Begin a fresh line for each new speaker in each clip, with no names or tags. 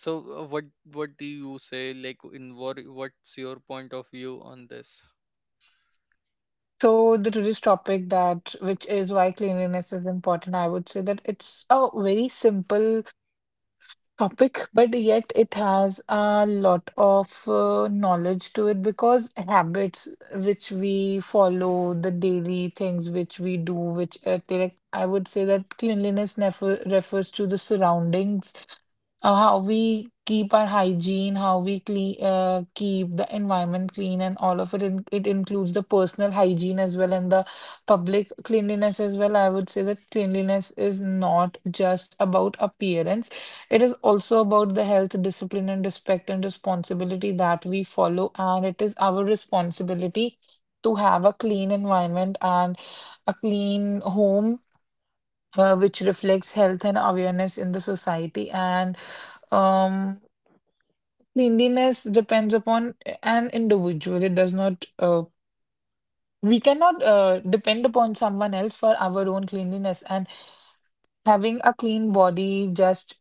so uh, what what do you say? Like, in what's your point of view on this?
The today's topic that which is why cleanliness is important, I would say that it's a very simple topic, but yet it has a lot of knowledge to it because habits which we follow, the daily things which we do, which I would say that cleanliness never refers to the surroundings, how we keep our hygiene, how we clean, keep the environment clean, and all of it. It includes the personal hygiene as well and the public cleanliness as well. I would say that cleanliness is not just about appearance, it is also about the health, discipline, and respect and responsibility that we follow. And it is our responsibility to have a clean environment and a clean home. Which reflects health and awareness in the society. And um, Cleanliness depends upon an individual. It does not, we cannot depend upon someone else for our own cleanliness. And having a clean body just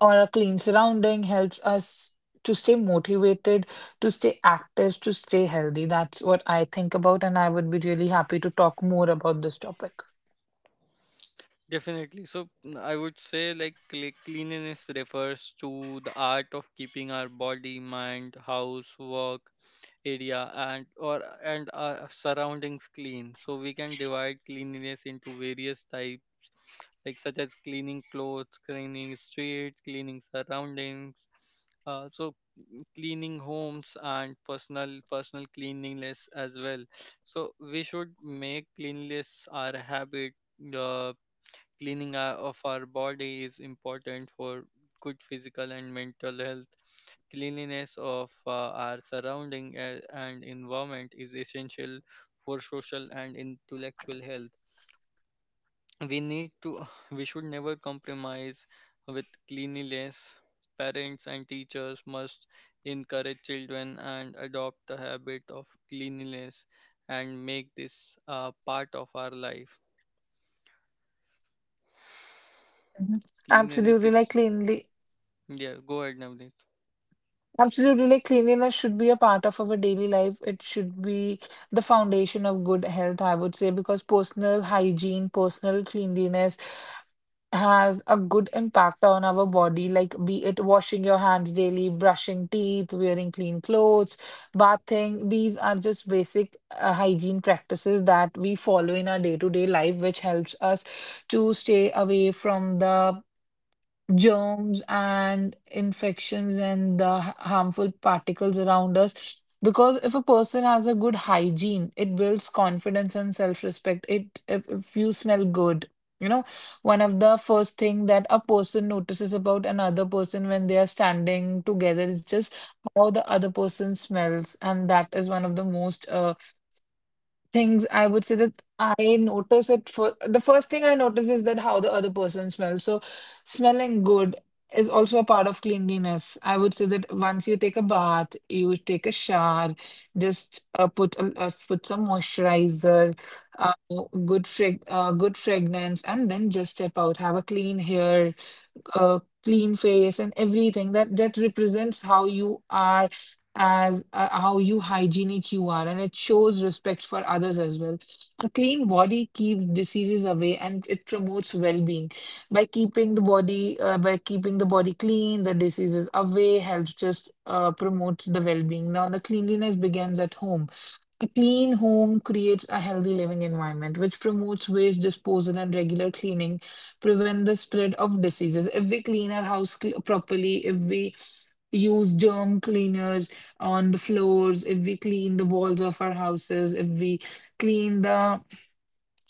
or a clean surrounding helps us to stay motivated, to stay active, to stay healthy. That's what I think about, and I would be really happy to talk more about this topic.
Definitely. So I would say like cleanliness refers to the art of keeping our body, mind, house, work, area and surroundings clean, so we can divide cleanliness into various types, like such as cleaning clothes, cleaning streets, cleaning surroundings, so cleaning homes, and personal cleanliness as well. So we should make cleanliness our habit. uh, Cleaning of our body is important for good physical and mental health. Cleanliness of our surrounding and environment is essential for social and intellectual health. We need to, we should never compromise with cleanliness. Parents and teachers must encourage children and adopt the habit of cleanliness, and make this a part of our life.
Mhm.
Cleanliness
Absolutely,
is,
like cleanly
yeah, go ahead, Navneet.
Absolutely, like cleanliness should be a part of our daily life. It should be the foundation of good health, I would say, because personal hygiene, personal cleanliness has a good impact on our body, like be it washing your hands daily, brushing teeth, wearing clean clothes, bathing. These are just basic hygiene practices that we follow in our day-to-day life, which helps us to stay away from the germs and infections and the harmful particles around us. Because if a person has a good hygiene, it builds confidence and self-respect. It if you smell good, you know, one of the first thing that a person notices about another person when they are standing together is just how the other person smells, and that is one of the most things I would say that I notice it for the first thing I notice is that how the other person smells. So smelling good is also a part of cleanliness. I would say that once you take a bath, you take a shower, just put put some moisturizer, uh, good fragrance, and then just step out. Have a clean hair, clean face and everything that that represents how you are as how you hygienic you are, and it shows respect for others as well. A clean body keeps diseases away and it promotes well-being. By keeping the body clean, the diseases away helps just promotes the well-being. Now the cleanliness begins at home. A clean home creates a healthy living environment, which promotes waste disposal and regular cleaning, prevent the spread of diseases. If we clean our house properly, if we use germ cleaners on the floors, if we clean the walls of our houses, if we clean the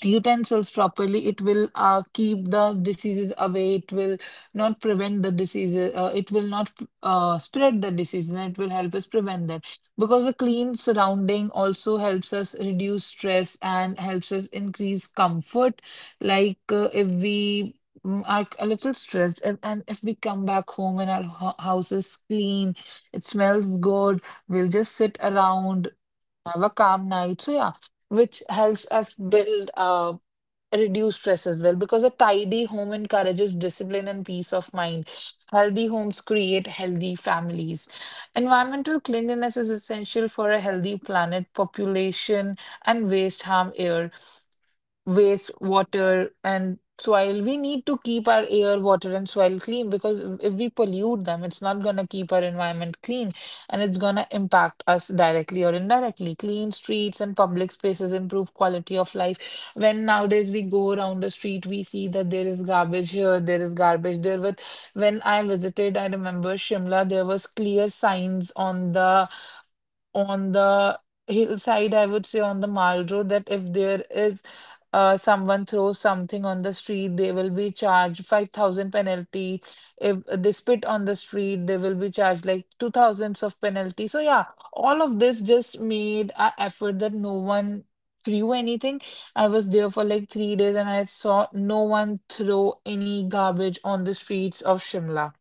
utensils properly, it will keep the diseases away. It will not prevent the diseases. It will not spread the diseases, and it will help us prevent that. Because a clean surrounding also helps us reduce stress and helps us increase comfort. Like if we are a little stressed, and if we come back home and our house is clean, it smells good, we'll just sit around, have a calm night. So yeah, which helps us build up reduce stress as well, because a tidy home encourages discipline and peace of mind. Healthy homes create healthy families. Environmental cleanliness is essential for a healthy planet, population, and waste harm air, waste water and soil. We need to keep our air, water and soil clean because if we pollute them, it's not going to keep our environment clean and it's going to impact us directly or indirectly. Clean streets and public spaces improve quality of life. When nowadays we go around the street, we see that there is garbage here, there is garbage there, but when I visited, I remember Shimla, there was clear signs on the hillside, I would say, on the mall road, that if there is someone throws something on the street, they will be charged 5,000 penalty. If they spit on the street, they will be charged like 2,000s of penalty. So yeah, all of this just made a effort that no one threw anything. I was there for like 3 days and I saw no one throw any garbage on the streets of Shimla,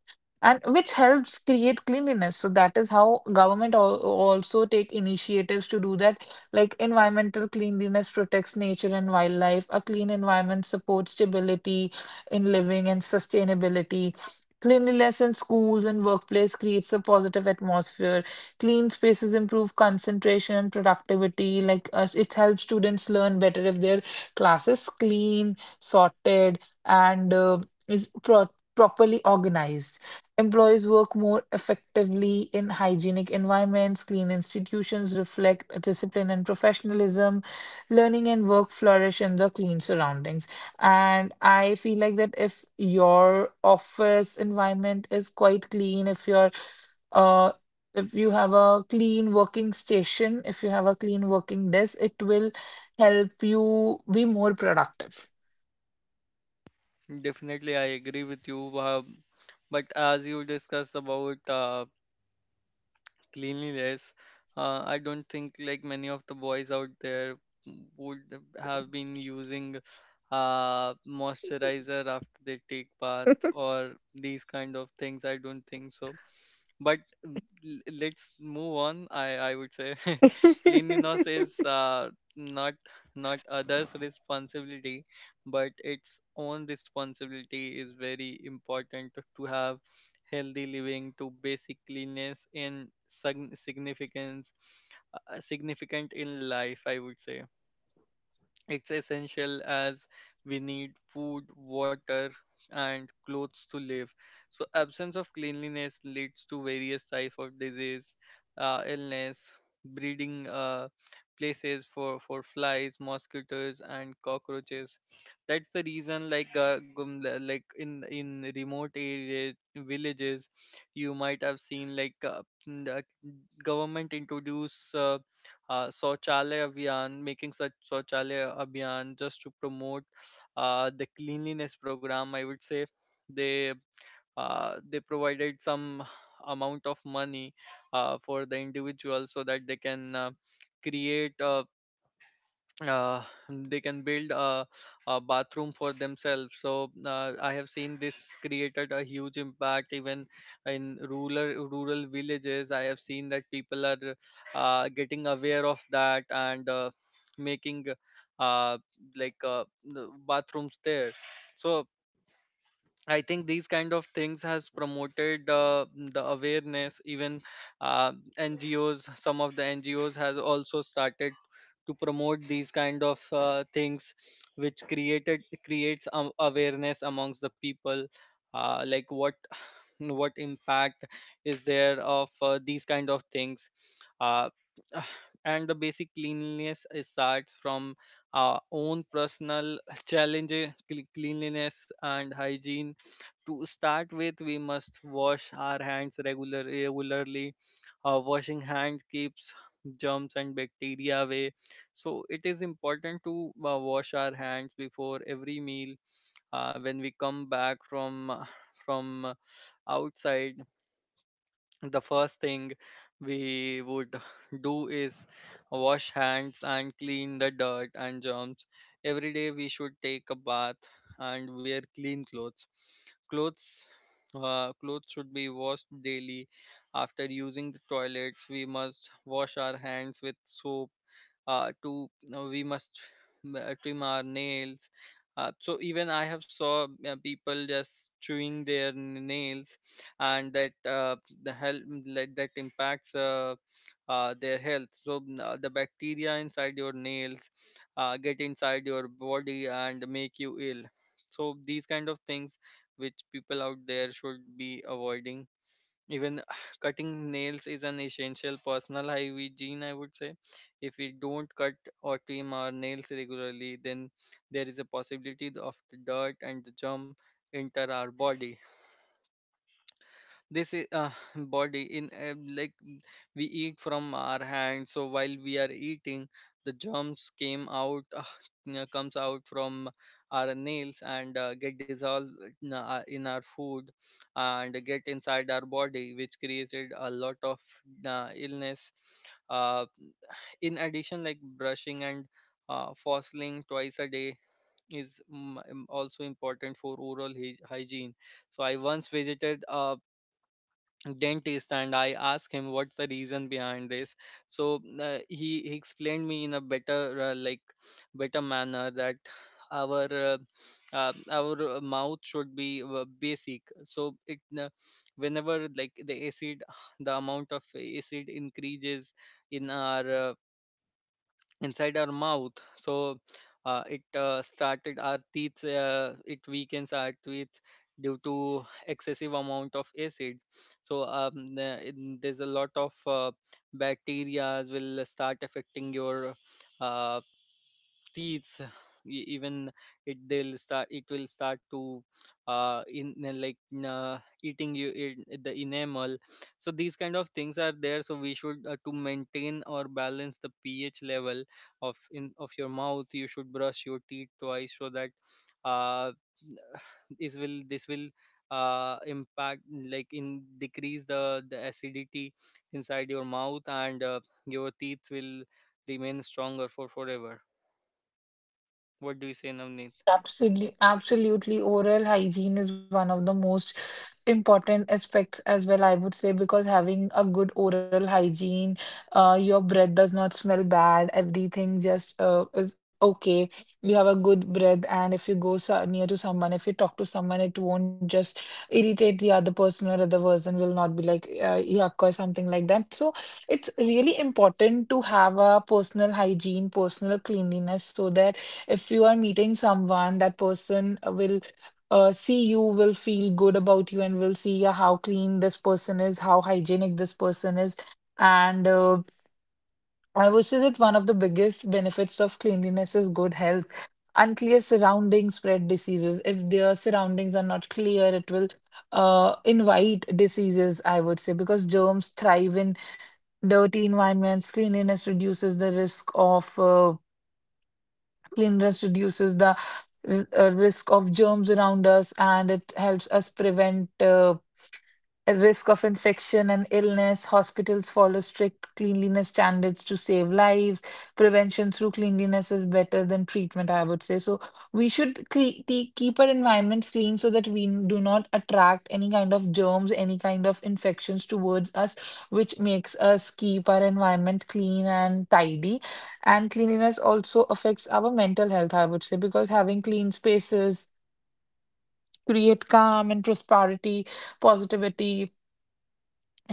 and which helps create cleanliness. So that is how government also take initiatives to do that. Like environmental cleanliness protects nature and wildlife. A clean environment supports stability in living and sustainability. Cleanliness in schools and workplace creates a positive atmosphere. Clean spaces improve concentration and productivity. Like it helps students learn better if their class is clean, sorted and is pro- properly organized. Employees work more effectively in hygienic environments, clean institutions reflect discipline and professionalism, learning and work flourish in the clean surroundings. And I feel like that if your office environment is quite clean, uh if you have a clean working station, if you have a clean working desk, it will help you be more productive.
Definitely, I agree with you. But as you discussed about cleanliness, I don't think like many of the boys out there would have been using moisturizer after they take bath or these kind of things. I don't think so. But let's move on. I would say cleanliness is not not others' responsibility, but its own responsibility. Is very important to have healthy living. To basic cleanliness and significance, significant in life, I would say. It's essential as we need food, water, and clothes to live. So absence of cleanliness leads to various types of disease, illness, breeding places for flies, mosquitoes, and cockroaches. That's the reason, like like in remote area villages, you might have seen like the government introduce Saurchalaya Abhiyan, making such Saurchalaya Abhiyan just to promote the cleanliness program. I would say they they provided some amount of money for the individual so that they can create a uh, they can build a bathroom for themselves. So I have seen this created a huge impact even in rural villages. I have seen that people are getting aware of that, and making uh, like uh, the bathrooms there. So I think these kind of things has promoted the awareness. Even uh, NGOs, some of the NGOs has also started to promote these kind of things, which created creates awareness amongst the people, like what what impact is there of these kind of things. Uh, and the basic cleanliness is starts from our own personal challenge. Cleanliness and hygiene, to start with, we must wash our hands regularly. Washing hands keeps germs and bacteria away. So it is important to wash our hands before every meal. When we come back from from uh, outside, the first thing we would do is wash hands and clean the dirt and germs. Every day we should take a bath and wear clean clothes. Clothes Clothes should be washed daily. After using the toilets, we must wash our hands with soap. To you We must trim our nails. So even I have saw people just chewing their nails, and that that impacts their health. So the bacteria inside your nails get inside your body and make you ill. So these kind of things which people out there should be avoiding. Even cutting nails is an essential personal hygiene, I would say. If we don't cut or trim our nails regularly, then there is a possibility of the dirt and the germ enter our body. This is body in we eat from our hands. So while we are eating, the germs came out you know, comes out from our nails and get dissolved in in our food and get inside our body, which created a lot of illness. uh, in addition, like brushing and fossiling twice a day is also important for oral hygiene. So I once visited a dentist and I asked him what's the reason behind this. So he explained me in a better better manner that our uh, our mouth should be basic. So it whenever like the acid, the amount of acid increases in our inside our mouth, so it weakens our teeth due to excessive amount of acids. So there's a lot of bacteria will start affecting your uh, teeth. Even it will start to in like uh, eating you in the enamel. So these kind of things are there. So we should to maintain or balance the ph level of your mouth, you should brush your teeth twice, so that uh this will impact, like, in decrease the acidity inside your mouth, and your teeth will remain stronger for forever. Where do you say no?
Absolutely, absolutely. Oral hygiene is one of the most important aspects as well, I would say, because having a good oral hygiene, your breath does not smell bad, everything just is okay. You have a good breath, and if you go so near to someone, if you talk to someone, it won't just irritate the other person, or other person will not be like yuck or something like that. So it's really important to have a personal hygiene, personal cleanliness, so that if you are meeting someone, that person will see you, will feel good about you and will see yeah, how clean this person is, how hygienic this person is. And I would say that one of the biggest benefits of cleanliness is good health. Unclear surroundings spread diseases. If their surroundings are not clear, it will invite diseases, I would say, because germs thrive in dirty environments. Cleanliness reduces the risk of germs around us, and it helps us prevent a risk of infection and illness. Hospitals follow strict cleanliness standards to save lives. Prevention through cleanliness is better than treatment, I would say. So we should keep our environments clean so that we do not attract any kind of germs, any kind of infections towards us, which makes us keep our environment clean and tidy. And cleanliness also affects our mental health, I would say, because having clean spaces create calm and prosperity positivity.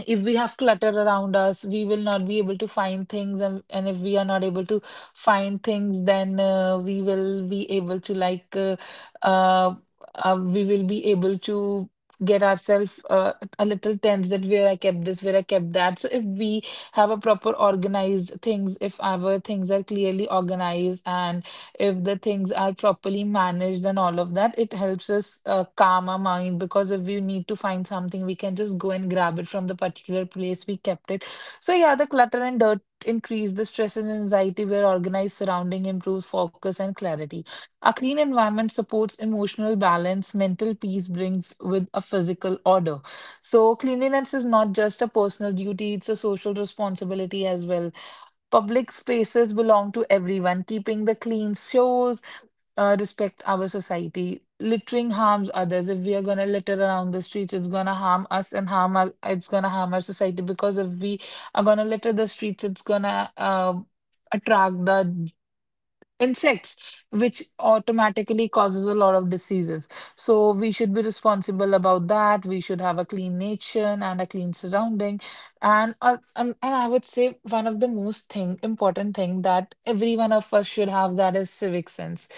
If we have clutter around us, we will not be able to find things, and if we are not able to find things, then we will be able to like uh, we will be able to get ourselves a little tense, that where I kept this, where I kept that. So if we have a proper organized things, if our things are clearly organized and if the things are properly managed and all of that, it helps us calm our mind, because if we need to find something, we can just go and grab it from the particular place we kept it. So, yeah, the clutter and dirt increase the stress and anxiety, where organized surrounding improves focus and clarity. A clean environment supports emotional balance, mental peace brings with a physical order. So, cleanliness is not just a personal duty, it's a social responsibility as well. Public spaces belong to everyone. Keeping the clean shows respect our society. Littering harms others. If we are gonna litter around the streets, it's gonna harm us and harm our. It's gonna harm our society, because if we are gonna litter the streets, it's gonna attract the insects, which automatically causes a lot of diseases. So we should be responsible about that. We should have a clean nation and a clean surrounding. And I would say one of the most thing important thing that every one of us should have, that is civic sense.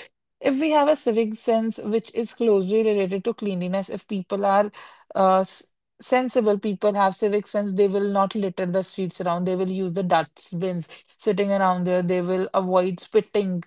If we have a civic sense, which is closely related to cleanliness, if people are uh, s- sensible, people have civic sense, they will not litter the streets around. They will use the dustbins sitting around there. They will avoid spitting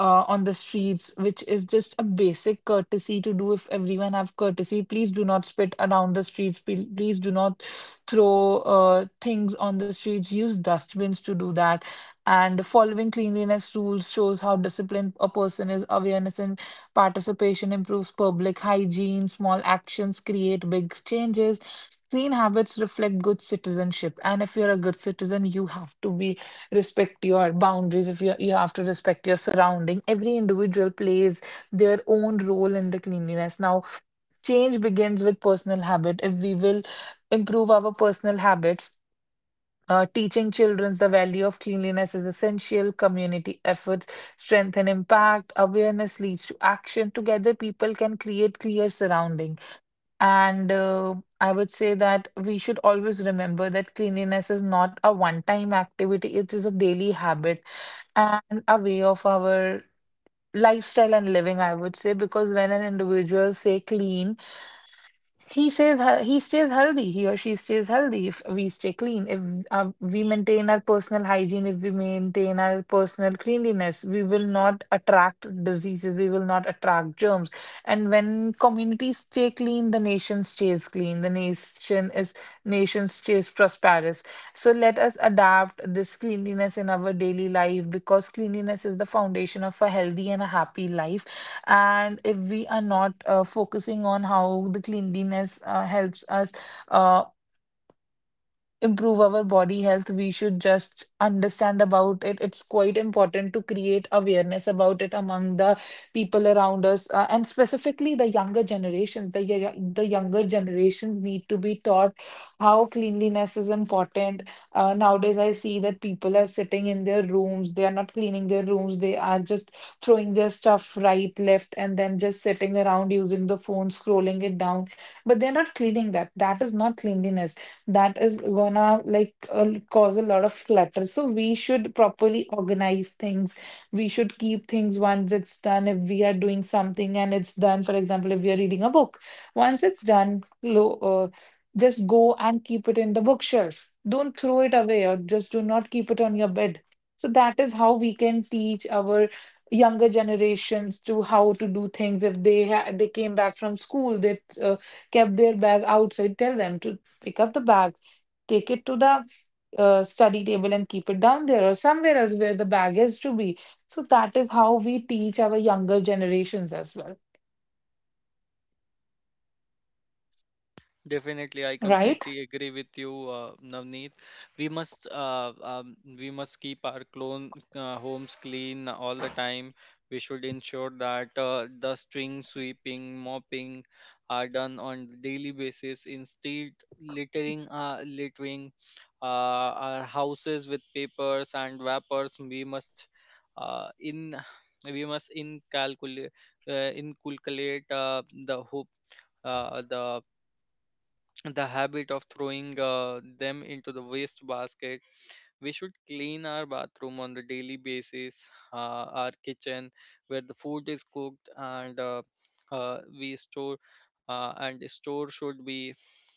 on the streets, which is just a basic courtesy to do. If everyone have courtesy, please do not spit around the streets. Please do not throw things on the streets. Use dustbins to do that. And following cleanliness rules shows how disciplined a person is. Awareness and participation improves public hygiene. Small actions create big changes. Clean habits reflect good citizenship. And if you're a good citizen, you have to be respect your boundaries, if you have to respect your surrounding, every individual plays their own role in the cleanliness now. Change begins with personal habit. If we will improve our personal habits, teaching children the value of cleanliness is essential. Community efforts strengthen impact. Awareness leads to action. Together, people can create clear surrounding. And I would say that we should always remember that cleanliness is not a one-time activity, it is a daily habit and a way of our lifestyle and living, I would say, because when an individual say clean, he says he stays healthy. He or she stays healthy if we stay clean. If we maintain our personal hygiene, if we maintain our personal cleanliness, we will not attract diseases. We will not attract germs. And when communities stay clean, the nation stays clean. The nation is Nation stays prosperous. So let us adapt this cleanliness in our daily life, because cleanliness is the foundation of a healthy and a happy life. And if we are not focusing on how the cleanliness helps us uh, improve our body health, we should just understand about it. It's quite important to create awareness about it among the people around us, and specifically the younger generations. The younger generations need to be taught how cleanliness is important. Nowadays, I see that people are sitting in their rooms. They are not cleaning their rooms. They are just throwing their stuff right, left, and then just sitting around using the phone, scrolling it down. But they're not cleaning that. That is not cleanliness. That is gonna like cause a lot of clutter. So we should properly organize things. We should keep things once it's done. If we are doing something and it's done, for example, if we are reading a book, once it's done, lo just go and keep it in the bookshelf. Don't throw it away or just do not keep it on your bed. So that is how we can teach our younger generations to how to do things. If they came back from school, they kept their bag outside, tell them to pick up the bag, take it to the study table and keep it down there or somewhere else where the bag is to be. So that is how we teach our younger generations as well,
Definitely, I
right?
completely agree with you, Navneet. We must keep our clone homes clean all the time. We should ensure that the string sweeping, mopping are done on daily basis. Instead, littering our houses with papers and wrappers, we must in we must incalculate inculcate uh, the the habit of throwing them into the waste basket. We should clean our bathroom on the daily basis, our kitchen where the food is cooked, and we store and the store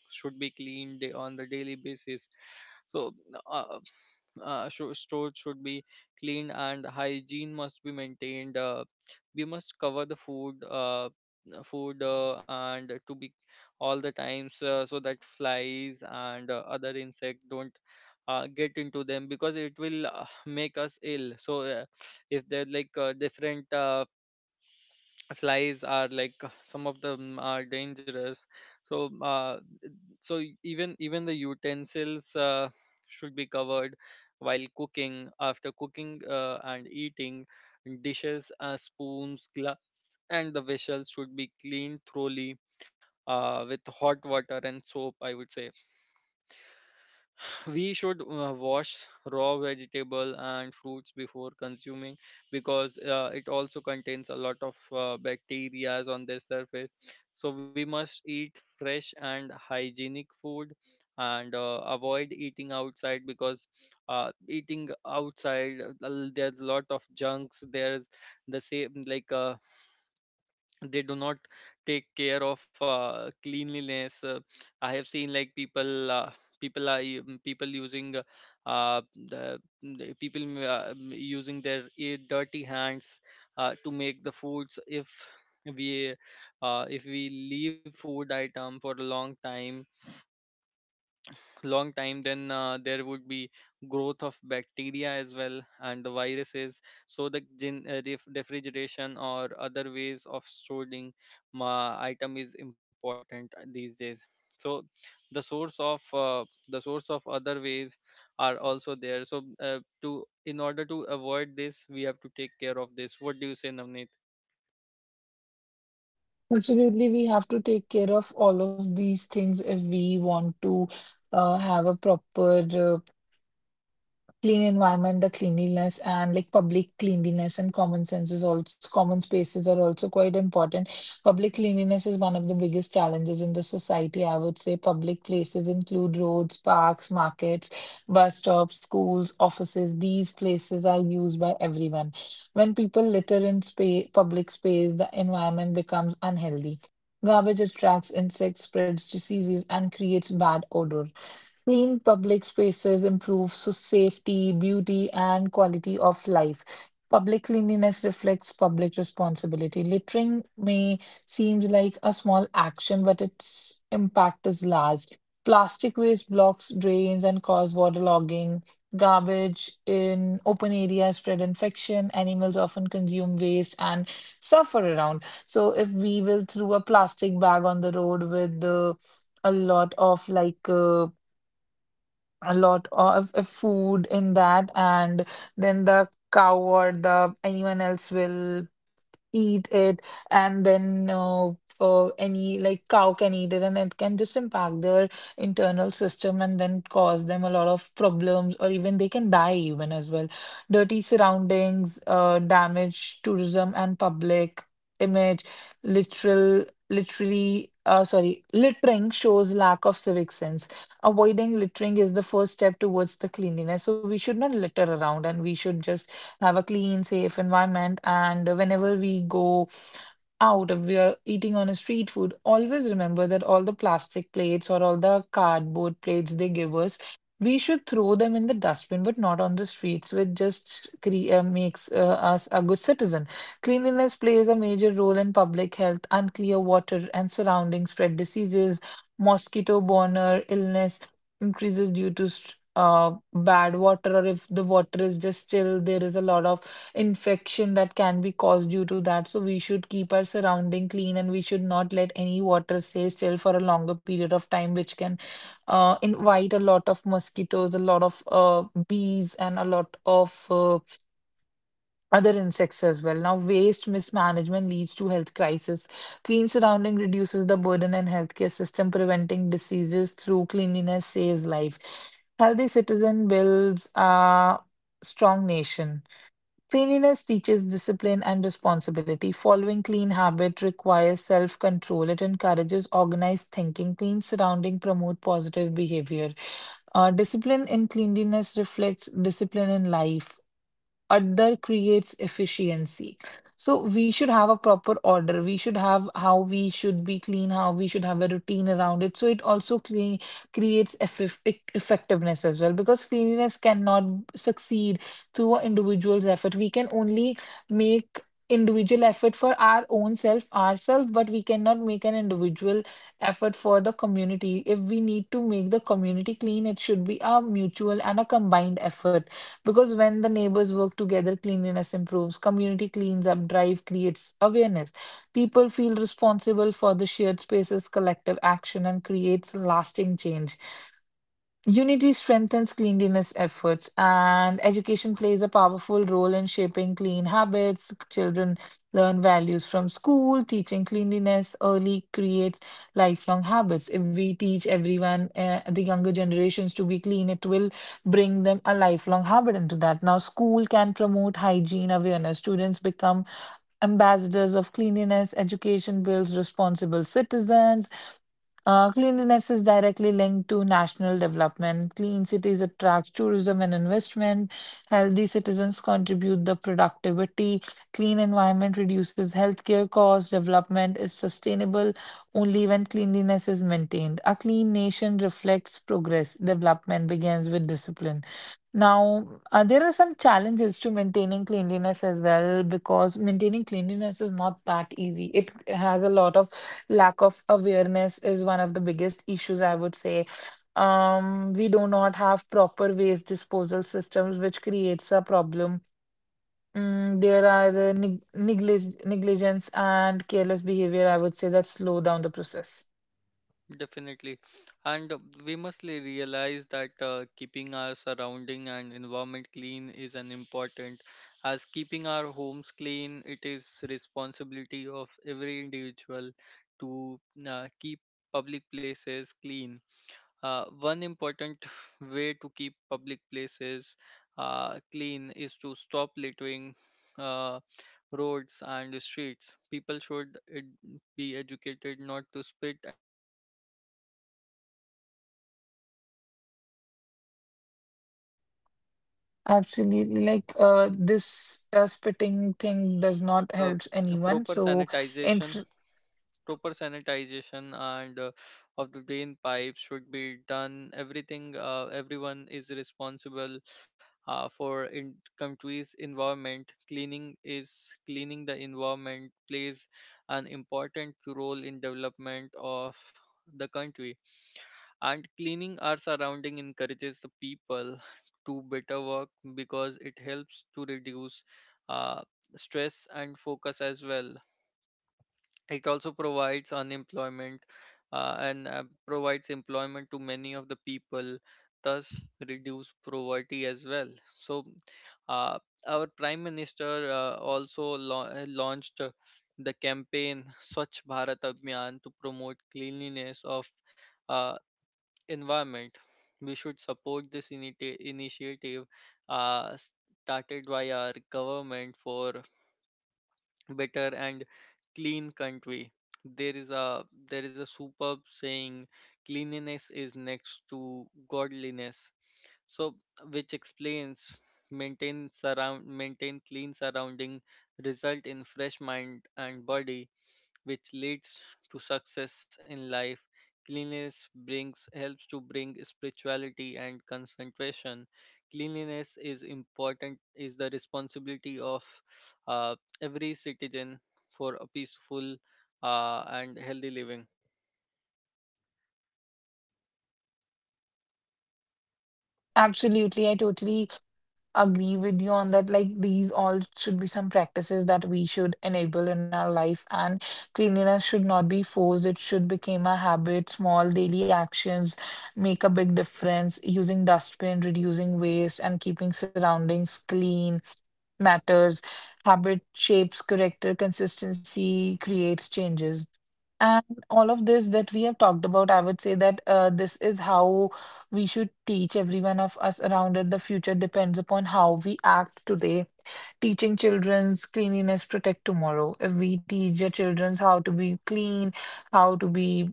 should be cleaned on the daily basis. So, uh, store should be clean, and hygiene must be maintained. We must cover the food and to be all the times, so that flies and other insect don't get into them, because it will make us ill. So if they're like different flies, are like some of them are dangerous. So even the utensils should be covered while cooking, after cooking and eating. Dishes, spoons, glass, and the vessels should be cleaned thoroughly with hot water and soap, I would say. We should wash raw vegetable and fruits before consuming, because it also contains a lot of bacteria on their surface. So we must eat fresh and hygienic food, and avoid eating outside, because there's a lot of junks. There's the same, like they do not take care of cleanliness. I have seen like people are people using uh, the using their dirty hands to make the foods. We if we leave food item for a long time, then there would be growth of bacteria as well, and the viruses. So refrigeration or other ways of storing item is important these days. So the source of other ways are also there. So to in order to avoid this, we have to take care of this. What do you say, Navneet?
Absolutely, we have to take care of all of these things if we want to have a proper clean environment. The cleanliness and like public cleanliness and common sense is also, common spaces are also quite important. Public cleanliness is one of the biggest challenges in the society. I would say public places include roads, parks, markets, bus stops, schools, offices. These places are used by everyone. When people litter in public space, the environment becomes unhealthy. Garbage attracts insects, spreads diseases, and creates bad odor. Clean public spaces improve so safety, beauty, and quality of life. Public cleanliness reflects public responsibility. Littering may seem like a small action, but its impact is large. Plastic waste blocks drains and cause waterlogging. Garbage in open areas spread infection. Animals often consume waste and suffer around. So if we will throw a plastic bag on the road with the a lot of like a lot of food in that, and then the cow or the anyone else will eat it, and then any like cow can eat it, and it can just impact their internal system and then cause them a lot of problems, or even they can die even as well. Dirty surroundings, damage tourism and public image. literal Literally, sorry, littering shows lack of civic sense. Avoiding littering is the first step towards the cleanliness. So we should not litter around, and we should just have a clean, safe environment. And whenever we go out, if we are eating on a street food, always remember that all the plastic plates or all the cardboard plates they give us, we should throw them in the dustbin, but not on the streets, which just makes us a good citizen. Cleanliness plays a major role in public health. Unclear water and surroundings spread diseases, mosquito-borne illness increases due to bad water, or if the water is just still, there is a lot of infection that can be caused due to that. So we should keep our surrounding clean, and we should not let any water stay still for a longer period of time, which can invite a lot of mosquitoes, a lot of bees, and a lot of other insects as well. Now, waste mismanagement leads to health crisis. Clean surrounding reduces the burden in healthcare system. Preventing diseases through cleanliness saves life. Healthy citizen builds a strong nation. Cleanliness teaches discipline and responsibility. Following clean habit requires self-control. It encourages organized thinking. Clean surrounding promote positive behavior. Discipline in cleanliness reflects discipline in life. Order creates efficiency. So we should have a proper order. We should have how we should be clean, how we should have a routine around it. So it also clean, creates effectiveness as well, because cleanliness cannot succeed through an individual's effort. We can only make individual effort for our own self, ourselves, but we cannot make an individual effort for the community. If we need to make the community clean, it should be a mutual and a combined effort, because when the neighbors work together, cleanliness improves, community cleans up drive creates awareness. People feel responsible for the shared spaces, collective action, and creates lasting change. Unity strengthens cleanliness efforts, and education plays a powerful role in shaping clean habits. Children learn values from school. Teaching cleanliness early creates lifelong habits. If we teach everyone, the younger generations, to be clean, it will bring them a lifelong habit into that. Now, school can promote hygiene awareness. Students become ambassadors of cleanliness. Education builds responsible citizens. Cleanliness is directly linked to national development. Clean cities attract tourism and investment. Healthy citizens contribute the productivity. Clean environment reduces healthcare costs. Development is sustainable only when cleanliness is maintained. A clean nation reflects progress. Development begins with discipline. Now, there are some challenges to maintaining cleanliness as well, because maintaining cleanliness is not that easy. It has a lot of, lack of awareness is one of the biggest issues, I would say. Um, we do not have proper waste disposal systems, which creates a problem. Mm, there are negligence and careless behavior, I would say, that slow down the process.
Definitely. And we must realize that keeping our surrounding and environment clean is an important as keeping our homes clean. It is responsibility of every individual to keep public places clean. One important way to keep public places clean is to stop littering uh, roads and streets. People should be educated not to spit and urinate in public. Proper proper toilet should no- should be built in public places
Absolutely, like
to
uh,
avoid
this
these things.
spitting thing does
And
not help anyone,
Proper
so
sanitization proper sanitization and of the drain pipes should be done. Everyone is responsible for in country's environment. Cleaning the environment plays an important role in development of the country. And cleaning our surrounding encourages the people to better work, because it helps to reduce uh, stress and focus as well. It also provides unemployment, and provides employment to many of the people, thus reduce poverty as well. So, uh, our prime minister also launched the campaign Swachh Bharat Abhiyan to promote cleanliness of uh, environment. We should support this initiative uh, started by our government for better and clean country. there is a there is a superb saying: cleanliness is next to godliness. So which explains maintain clean surrounding result in fresh mind and body, which leads to success in life. Cleanliness brings helps to bring spirituality and concentration. Cleanliness is important, is the responsibility of uh, every citizen for a peaceful and healthy living.
absolutely, I totally agree with you on that. Like, these all should be some practices that we should enable in our life, and cleanliness should not be forced. It should become a habit. Small daily actions make a big difference. Using dustbin, reducing waste, and keeping surroundings clean matters. Habit shapes character, consistency creates changes. And all of this that we have talked about, I would say that this is how we should teach every one of us around it. The future depends upon how we act today. Teaching children's cleanliness protect tomorrow. If we teach the children's how to be clean, how to be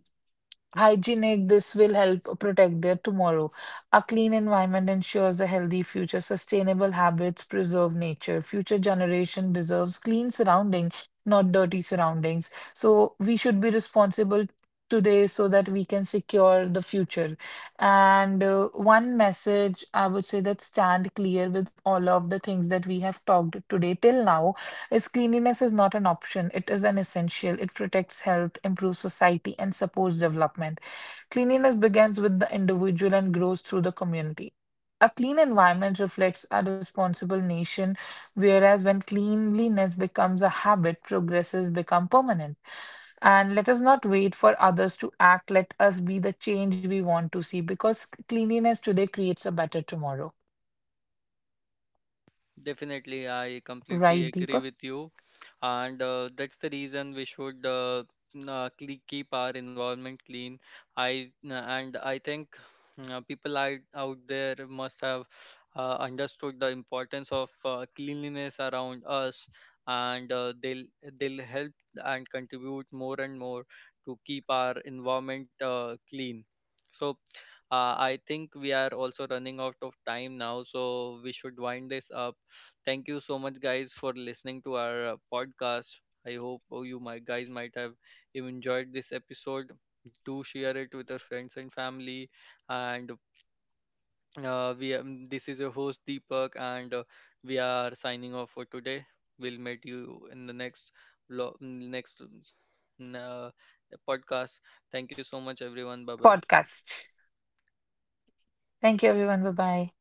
hygienic, this will help protect their tomorrow. A clean environment ensures a healthy future. Sustainable habits preserve nature. Future generation deserves clean surrounding, not dirty surroundings. So we should be responsible today, so that we can secure the future. And one message I would say that stand clear with all of the things that we have talked today till now, is cleanliness is not an option, it is an essential. It protects health, improves society, and supports development. Cleanliness begins with the individual and grows through the community. A clean environment reflects a responsible nation, whereas when cleanliness becomes a habit, progresses become permanent. And let us not wait for others to act. Let us be the change we want to see, because cleanliness today creates a better tomorrow.
Definitely, I completely
Right,
agree
Deepak?
with you, and that's the reason we should keep our environment clean. And I think people out there must have understood the importance of cleanliness around us, and they'll help and contribute more and more to keep our environment clean. So I think we are also running out of time now, so we should wind this up. Thank you so much, guys, for listening to our podcast. I hope you my guys might have you enjoyed this episode. Do share it with your friends and family. And we this is your host Deepak, and we are signing off for today. We'll meet you in the next vlog, next mm, uh, podcast. Thank you so much, everyone. Bye bye.
Podcast. Thank you, everyone. Bye bye.